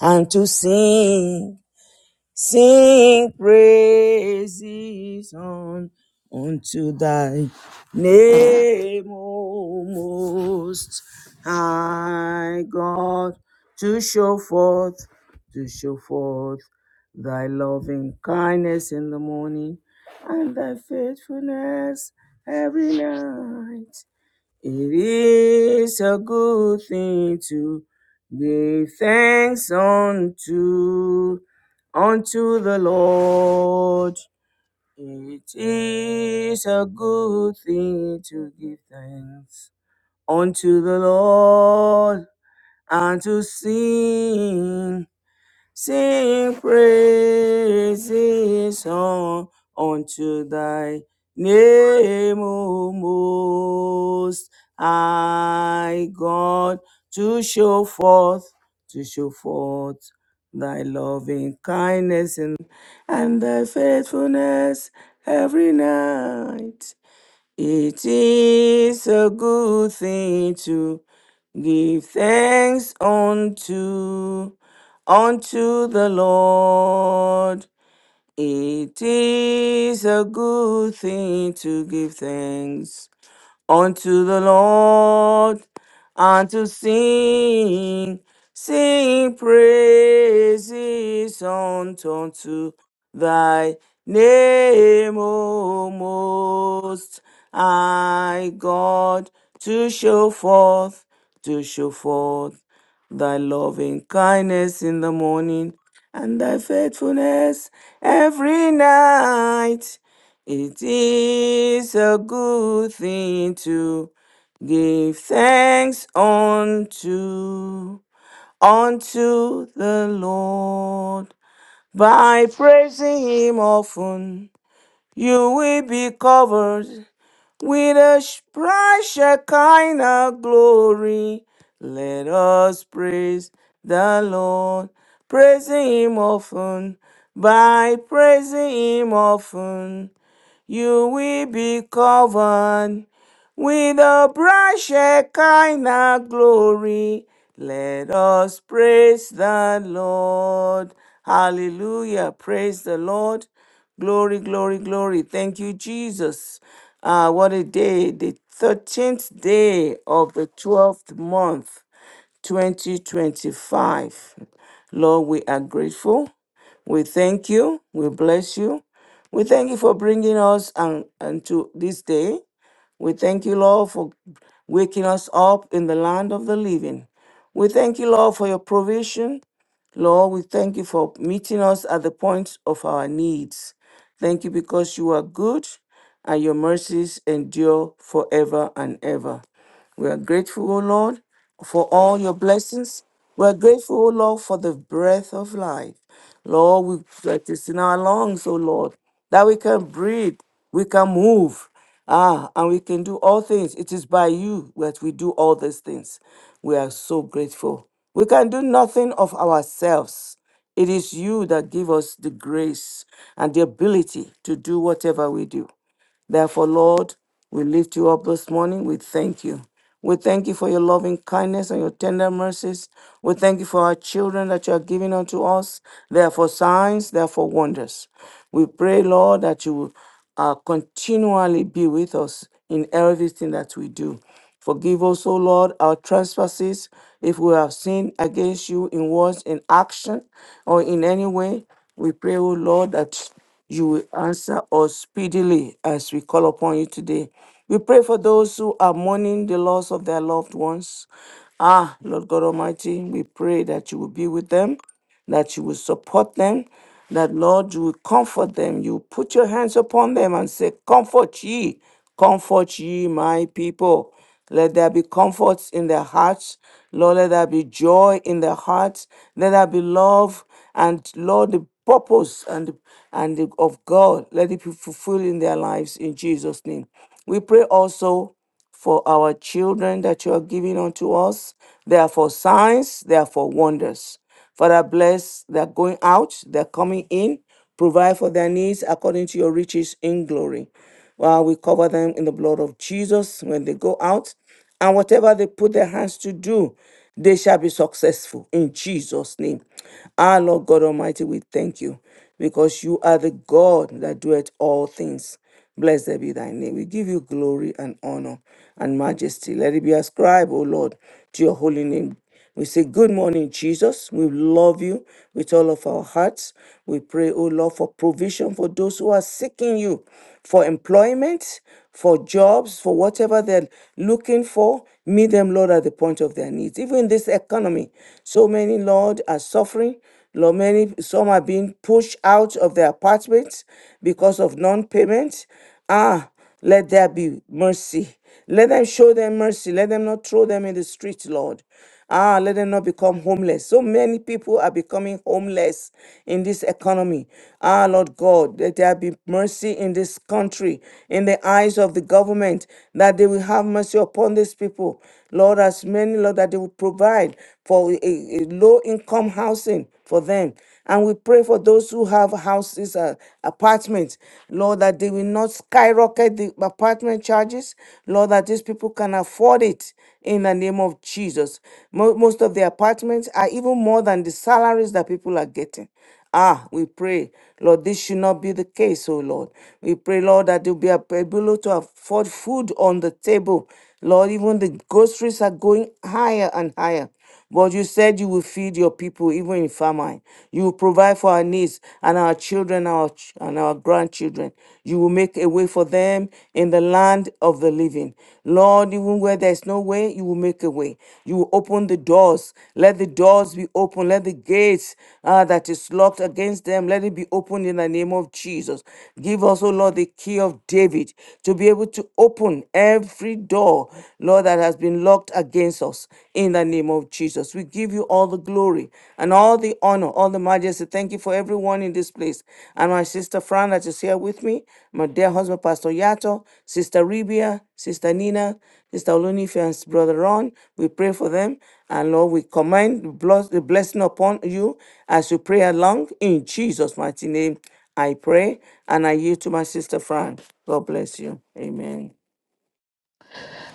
and to sing, sing praises on unto thy name, O most high God, to show forth, to show forth thy loving kindness in the morning and thy faithfulness every night. It is a good thing to give thanks unto unto the Lord. It is a good thing to give thanks unto the Lord and to sing Sing praises on unto thy name, O most high God, to show forth, to show forth thy loving kindness and, and thy faithfulness every night. It is a good thing to give thanks unto unto the Lord. It is a good thing to give thanks unto the Lord and to sing, sing praises unto unto thy name, O most high God, to show forth, to show forth thy loving kindness in the morning and thy faithfulness every night it is a good thing to give thanks unto unto the Lord by praising him often. You will be covered with a sh- bright kind of glory. Let us praise the Lord, praising him often by praising him often. You will be covered with the bright Shekinah glory. Let us praise the Lord. Hallelujah. Praise the Lord. Glory, glory, glory. Thank you, Jesus. Ah, what a day. The 13th day of the 12th month, 2025. Lord, we are grateful. We thank you. We bless you. We thank you for bringing us and unto this day. We thank you, Lord, for waking us up in the land of the living. We thank you, Lord, for your provision. Lord, we thank you for meeting us at the point of our needs. Thank you because you are good and your mercies endure forever and ever. We are grateful, O Lord, for all your blessings. We are grateful, O Lord, for the breath of life. Lord, we that is in our lungs, oh Lord, that we can breathe, we can move, ah, and we can do all things. It is by you that we do all these things. We are so grateful. We can do nothing of ourselves. It is you that give us the grace and the ability to do whatever we do. Therefore, Lord, we lift you up this morning. We thank you. We thank you for your loving kindness and your tender mercies. We thank you for our children that you are giving unto us. They are for signs, they are for wonders. We pray, Lord, that you will uh, continually be with us in everything that we do. Forgive us, O Lord, our trespasses if we have sinned against you in words, in action, or in any way. We pray, O Lord, that you will answer us speedily as we call upon you today. We pray for those who are mourning the loss of their loved ones. Ah, Lord God Almighty, we pray that you will be with them that you will support them, that Lord, you will comfort them. You put your hands upon them and say, Comfort ye, comfort ye, my people. Let there be comfort in their hearts. Lord, let there be joy in their hearts. Let there be love. And Lord, the purpose and, and the, of God, let it be fulfilled in their lives in Jesus' name. We pray also for our children that you are giving unto us. They are for signs, they are for wonders. Father, bless their going out, their coming in. Provide for their needs according to your riches in glory. While we cover them in the blood of Jesus when they go out, and whatever they put their hands to do, they shall be successful in Jesus' name. Our Lord God Almighty, we thank you because you are the God that doeth all things. Blessed be thy name. We give you glory and honor and majesty. Let it be ascribed, O Lord, to your holy name. We say, Good morning, Jesus. We love you with all of our hearts. We pray, O Lord, for provision for those who are seeking you for employment, for jobs, for whatever they're looking for. Meet them, Lord, at the point of their needs. Even in this economy, so many, Lord, are suffering. Lord, many some are being pushed out of their apartments because of non-payment. Ah, let there be mercy. Let them show them mercy. Let them not throw them in the street, Lord. Ah, let them not become homeless. So many people are becoming homeless in this economy. Ah, Lord God, let there be mercy in this country, in the eyes of the government, that they will have mercy upon these people. Lord, as many, Lord, that they will provide for a, a a low income housing for them. And we pray for those who have houses, uh, apartments, Lord, that they will not skyrocket the apartment charges, Lord, that these people can afford it in the name of Jesus. Mo- Most of the apartments are even more than the salaries that people are getting. Ah, we pray, Lord, this should not be the case, oh Lord. We pray, Lord, that you'll be able to afford food on the table Lord, even the groceries are going higher and higher. But you said you will feed your people even in famine. You will provide for our needs and our children our ch- and our grandchildren. You will make a way for them in the land of the living. Lord, even where there is no way, you will make a way. You will open the doors. Let the doors be open. Let the gates uh, that is locked against them, let it be opened in the name of Jesus. Give us, O Lord, the key of David to be able to open every every door, Lord, that has been locked against us in the name of Jesus. We give you all the glory and all the honor, all the majesty. Thank you for everyone in this place. And my sister Fran that is here with me, my dear husband, Pastor Yato, Sister Ribia, Sister Nina, Sister Olunife, and Brother Ron. We pray for them. And Lord, we command the bless- the blessing upon you as you pray along in Jesus' mighty name. I pray and I yield to my sister Fran. God bless you. Amen.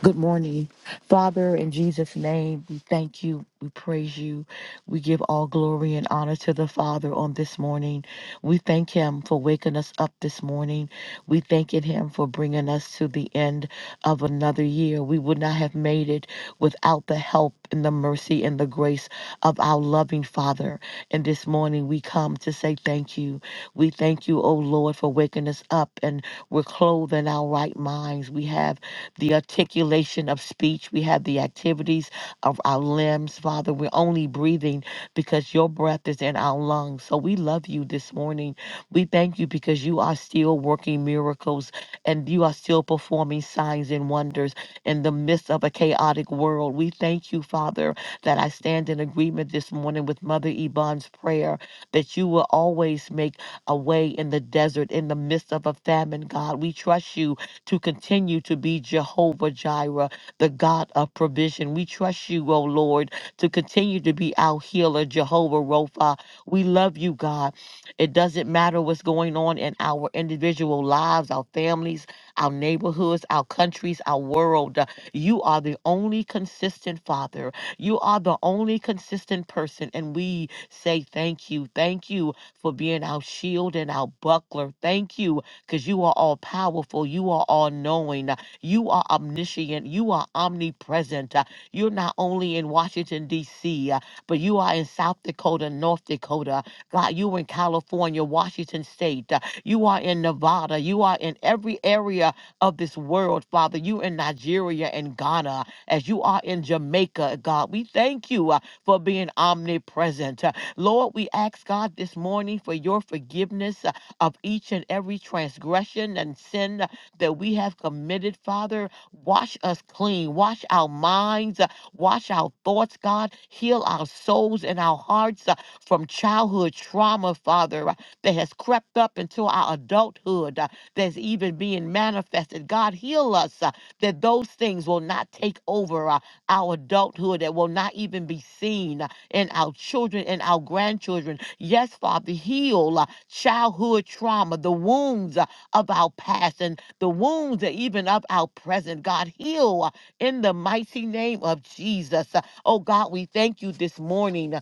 Good morning. Father, in Jesus' name, we thank you. We praise you. We give all glory and honor to the Father on this morning. We thank him for waking us up this morning. We thanking him for bringing us to the end of another year. We would not have made it without the help and the mercy and the grace of our loving Father. And this morning, we come to say thank you. We thank you, O Lord, for waking us up and we're clothed in our right minds. We have the articulation of speech. We have the activities of our limbs, Father. We're only breathing because your breath is in our lungs. So we love you this morning. We thank you because you are still working miracles and you are still performing signs and wonders in the midst of a chaotic world. We thank you, Father, that I stand in agreement this morning with Mother Yvonne's prayer that you will always make away in the desert in the midst of a famine, God. We trust you to continue to be Jehovah Jireh, the God of provision. We trust you, O Lord, to continue to be our healer, Jehovah Ropha. We love you, God. It doesn't matter what's going on in our individual lives, our families, our neighborhoods, our countries, our world. You are the only consistent Father. You are the only consistent person. And we say thank you. Thank you for being our shield and our buckler. Thank you because you are all powerful. You are all knowing. You are omniscient. You are omnipresent. Uh, You're not only in Washington, D.C., uh, but you are in South Dakota, North Dakota. God, you are in California, Washington State. Uh, You are in Nevada. You are in every area of this world, Father. You in Nigeria and Ghana, as you are in Jamaica, God. We thank you uh, for being omnipresent. Lord, we ask God this morning for your forgiveness uh, of each and every transgression and sin uh, that we have committed, Father. Wash us clean, wash our minds, uh, wash our thoughts, God. Heal our souls and our hearts uh, from childhood trauma, Father, uh, that has crept up into our adulthood, uh, that's even being manifested. God, heal us uh, that those things will not take over uh, our adulthood, that will not even be seen. In our children and our grandchildren. Yes, Father, heal uh, childhood trauma, the wounds uh, of our past and the wounds uh, even of our present. God, heal uh, in the mighty name of Jesus. Uh, Oh God, we thank you this morning. uh,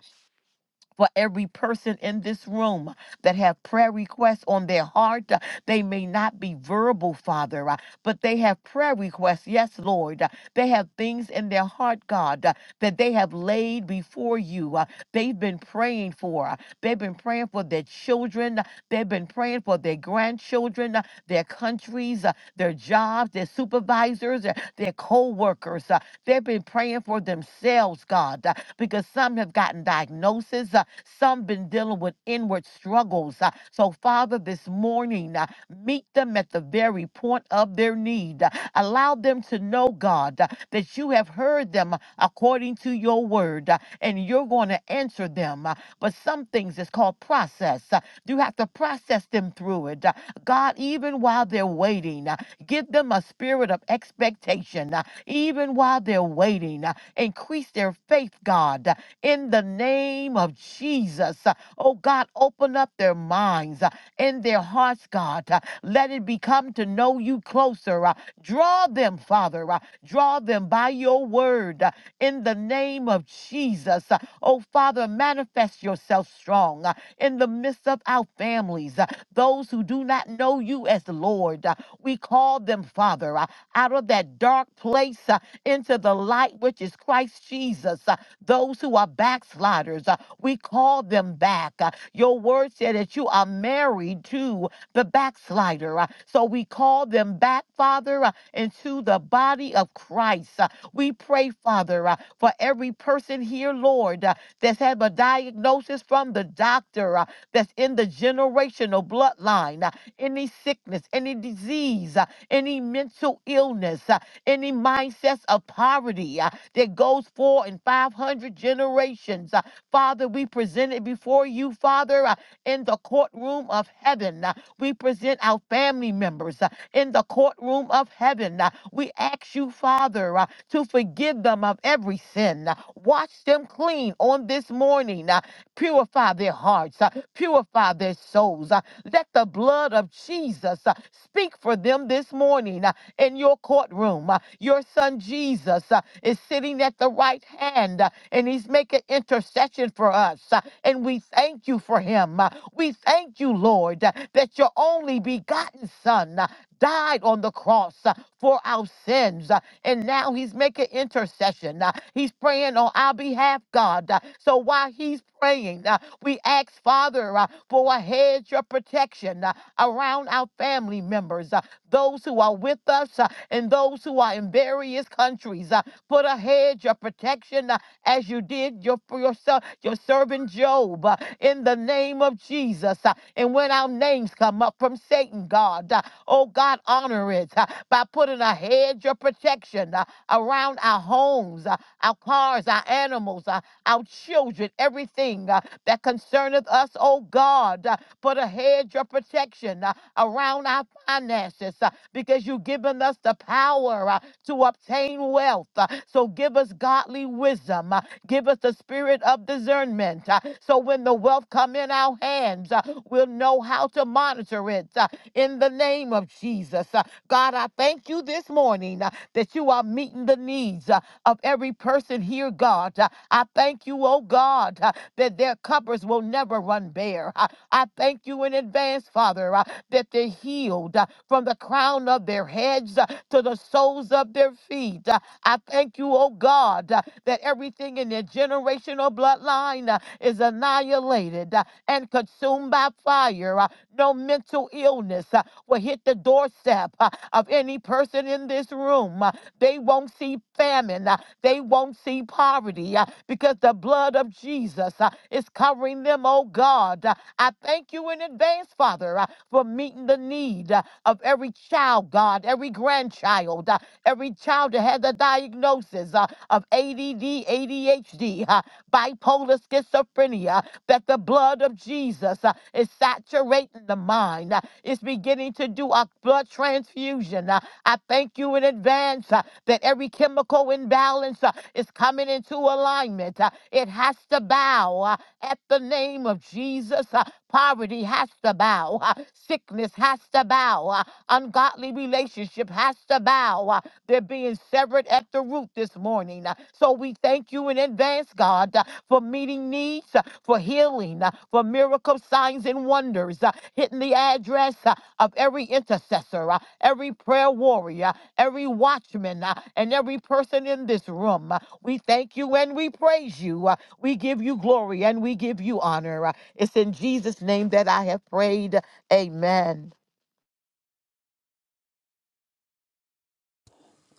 for every person in this room that have prayer requests on their heart. Uh, They may not be verbal, Father, uh, but they have prayer requests. Yes, Lord. Uh, They have things in their heart, God, uh, that they have laid before you. Uh, They've been praying for. uh, They've been praying for their children. uh, They've been praying for their grandchildren, uh, their countries, uh, their jobs, their supervisors, uh, their co workers. They've been praying for themselves, God, uh, because some have gotten diagnoses. uh, some been dealing with inward struggles. uh, So, Father, this morning, uh, meet them at the very point of their need. Uh, Allow them to know, God, uh, that you have heard them uh, according to your word, uh, and you're going to answer them. Uh, But some things is called process. Uh, You have to process them through it. Uh, God, even while they're waiting, uh, give them a spirit of expectation. Uh, even while they're waiting. Uh, Increase their faith, God, uh, in the name of Jesus. Uh, Oh God, open up their minds uh, and their hearts, God. Uh, Let it become to know you closer. Uh, Draw them, Father. Uh, Draw them by your word uh, in the name of Jesus. Uh, Oh Father, manifest yourself strong uh, in the midst of our families, uh, those who do not know you as Lord. Uh, We call them, Father. uh, out of that dark place uh, into the light, which is Christ Jesus. Uh, Those who are backsliders, uh, we call them back. Uh, Your word said that you are married to the backslider. uh, So we call them back, Father, uh, into the body of Christ. Uh, We pray, Father, uh, for every person here, Lord, uh, that's had a diagnosis from the doctor, uh, that's in the generational bloodline, uh, any sickness, any disease. uh, any mental illness, uh, any mindsets of poverty uh, that goes four and 500 generations. Uh, Father, we present it before you, Father, uh, in the courtroom of heaven. Uh, We present our family members uh, in the courtroom of heaven. Uh, We ask you, Father, uh, to forgive them of every sin. Uh, Wash them clean on this morning. Uh, Purify their hearts. Uh, Purify their souls. Uh, let the blood of Jesus uh, speak for them this morning uh, in your courtroom. Uh, Your son Jesus uh, is sitting at the right hand uh, and he's making intercession for us. uh, And we thank you for him. Uh, We thank you, Lord, uh, that your only begotten son uh, died on the cross uh, for our sins. uh, And now he's making intercession. uh, He's praying on our behalf, God. uh, So while he's praying, uh, we ask, Father, uh, for a hedge of protection uh, around our family members, uh, those who are with us uh, and those who are in various countries. uh, Put a hedge of protection uh, as you did your, for your, ser- your servant Job uh, in the name of Jesus. uh, And when our names come up from Satan, God, uh, oh God, honor it uh, by putting a hedge of protection uh, around our homes, uh, our cars, our animals, our our children, everything uh, that concerneth us, oh God. Uh, Put a hedge of protection uh, around our finances uh, because you've given us the power uh, to obtain wealth. Uh, So give us godly wisdom. uh, Give us the spirit of discernment. uh, So when the wealth come in our hands, uh, we'll know how to monitor it uh, in the name of Jesus. Uh, God, I thank you this morning uh, that you are meeting the needs uh, of every person here, God. Uh, I thank you, oh God, uh, that their cupboards will never run bare. Uh, I thank you in advance, Father, uh, that they're healed uh, from the crown of their heads uh, to the soles of their feet. Uh, I thank you, oh God, uh, that everything in their generational bloodline uh, is annihilated uh, and consumed by fire. Uh, No mental illness uh, will hit the doorstep uh, of any person in this room. Uh, they won't see famine. uh, They won't see poverty uh, because the blood of Jesus uh, is covering them, oh God. Uh, I thank you in advance, Father, uh, for meeting the need uh, of every child, God, every grandchild, uh, every child that has a diagnosis uh, of ADD, ADHD, uh, bipolar schizophrenia, that the blood of Jesus uh, is saturating the mind. uh, It's beginning to do a blood transfusion. uh, I thank you in advance uh, that every chemical imbalance uh, is coming into alignment. Uh, It has to bow uh, at the name of Jesus. Uh, Poverty has to bow. Uh, Sickness has to bow. Uh, Ungodly relationship has to bow. Uh, They're being severed at the root this morning. Uh, So we thank you in advance, God, uh, for meeting needs, uh, for healing, uh, for miracle signs and wonders, uh, hitting the address, uh, of every intercessor, uh, every prayer warrior, every watchman, uh, and every person in this room. Uh, We thank you and we praise you. Uh, We give you glory and we give you honor. Uh, It's in Jesus' name that I have prayed. Amen.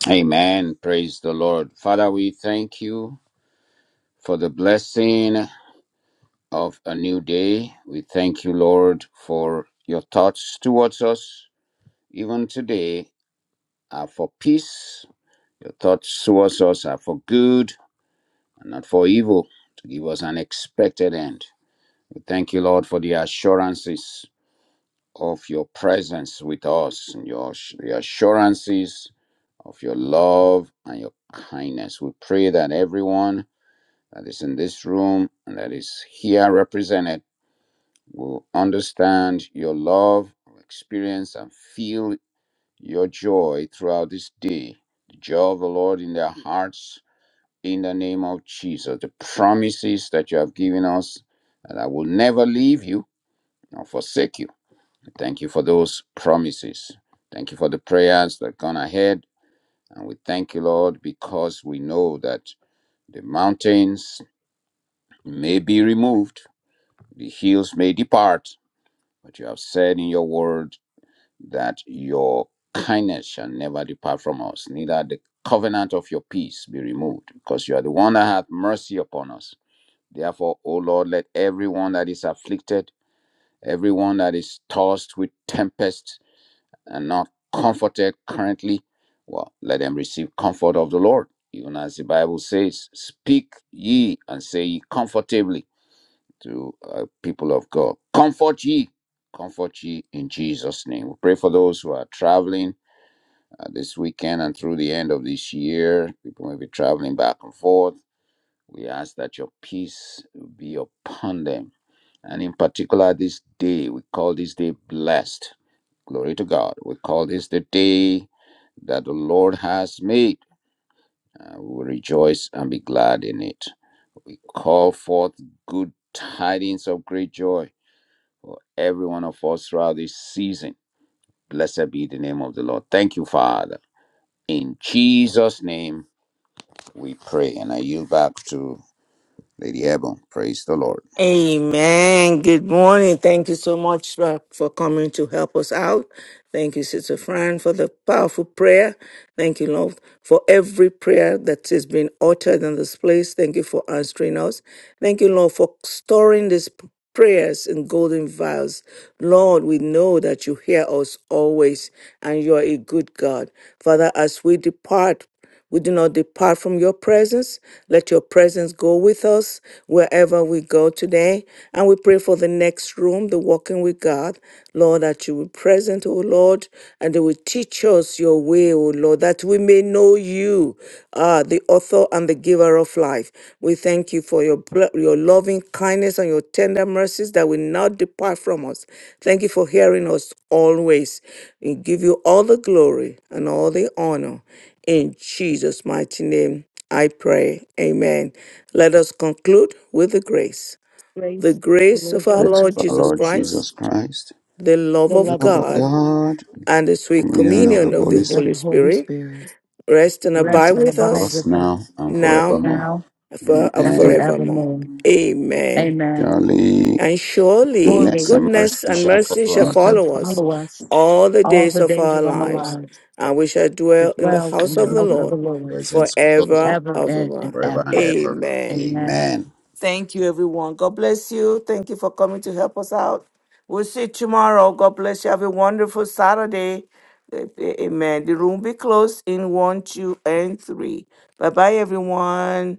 Amen. Praise the Lord. Father, we thank you for the blessing of a new day. We thank you, Lord, for your thoughts towards us, even today, are for peace. Your thoughts towards us are for good and not for evil, to give us an expected end. We thank you, Lord, for the assurances of your presence with us, and your the assurances of your love and your kindness. We pray that everyone that is in this room and that is here represented will understand your love, experience, and feel your joy throughout this day. The joy of the Lord in their hearts in the name of Jesus. The promises that you have given us that I will never leave you nor forsake you. Thank you for those promises. Thank you for the prayers that gone ahead. And we thank you, Lord, because we know that the mountains may be removed The hills may depart, but you have said in your word that your kindness shall never depart from us, neither the covenant of your peace be removed, because you are the one that hath mercy upon us. Therefore, O Lord, let everyone that is afflicted, everyone that is tossed with tempest and not comforted currently, well, let them receive comfort of the Lord. Even as the Bible says, Speak ye and say ye comfortably to uh, people of God. Comfort ye, comfort ye in Jesus' name. We pray for those who are traveling uh, this weekend and through the end of this year. People may be traveling back and forth. We ask that your peace be upon them. And in particular, this day, we call this day blessed. Glory to God. We call this the day that the Lord has made. Uh, we will rejoice and be glad in it. We call forth good tidings of great joy for every one of us throughout this season. Blessed be the name of the Lord. Thank you, Father. In Jesus' name we pray. And I yield back to Lady Ebon. Praise the Lord. Amen. Good morning. Thank you so much for, for coming to help us out. Thank you, Sister Fran, for the powerful prayer. Thank you, Lord, for every prayer that has been uttered in this place. Thank you for answering us. Thank you, Lord, for storing these p- prayers in golden vials. Lord, we know that you hear us always and you are a good God. Father, as we depart we do not depart from your presence. Let your presence go with us wherever we go today. And we pray for the next room, the walking with God. Lord, that you will be present, O Lord, and that you will teach us your way, O Lord, that we may know you, uh, the author and the giver of life. We thank you for your, bl- your loving kindness and your tender mercies that will not depart from us. Thank you for hearing us always. We give you all the glory and all the honor. In Jesus' mighty name, I pray. Amen. Let us conclude with the grace. The Grace, of our grace of Lord our Praise Lord Jesus our Christ, Jesus Lord Christ, Jesus Christ, the love the the of love love of of God, God, God, and the sweet communion and of the communion of the Holy communion of Holy the Spirit, Holy Spirit Spirit, rest and be abide rest to and with abide us us with now us and now forevermore. now for- and and Amen. forevermore. forevermore. Amen. Amen. Surely And surely goodness Surely, and goodness mercy and shall mercy shall follow us and follow us follow us all the all days the of days our of our lives, lives. and we shall to dwell in the dwell in house the of in the house the of the Lord Lord presence of God forever forever of and, and ever. forever and ever. ever. Amen. Amen. Amen. Thank you, everyone. God bless you. Thank you for coming to help us out. We'll see you tomorrow. God bless you. Have a wonderful Saturday. A- a- Amen. The room will be closed in one, two, and three. Bye bye, everyone.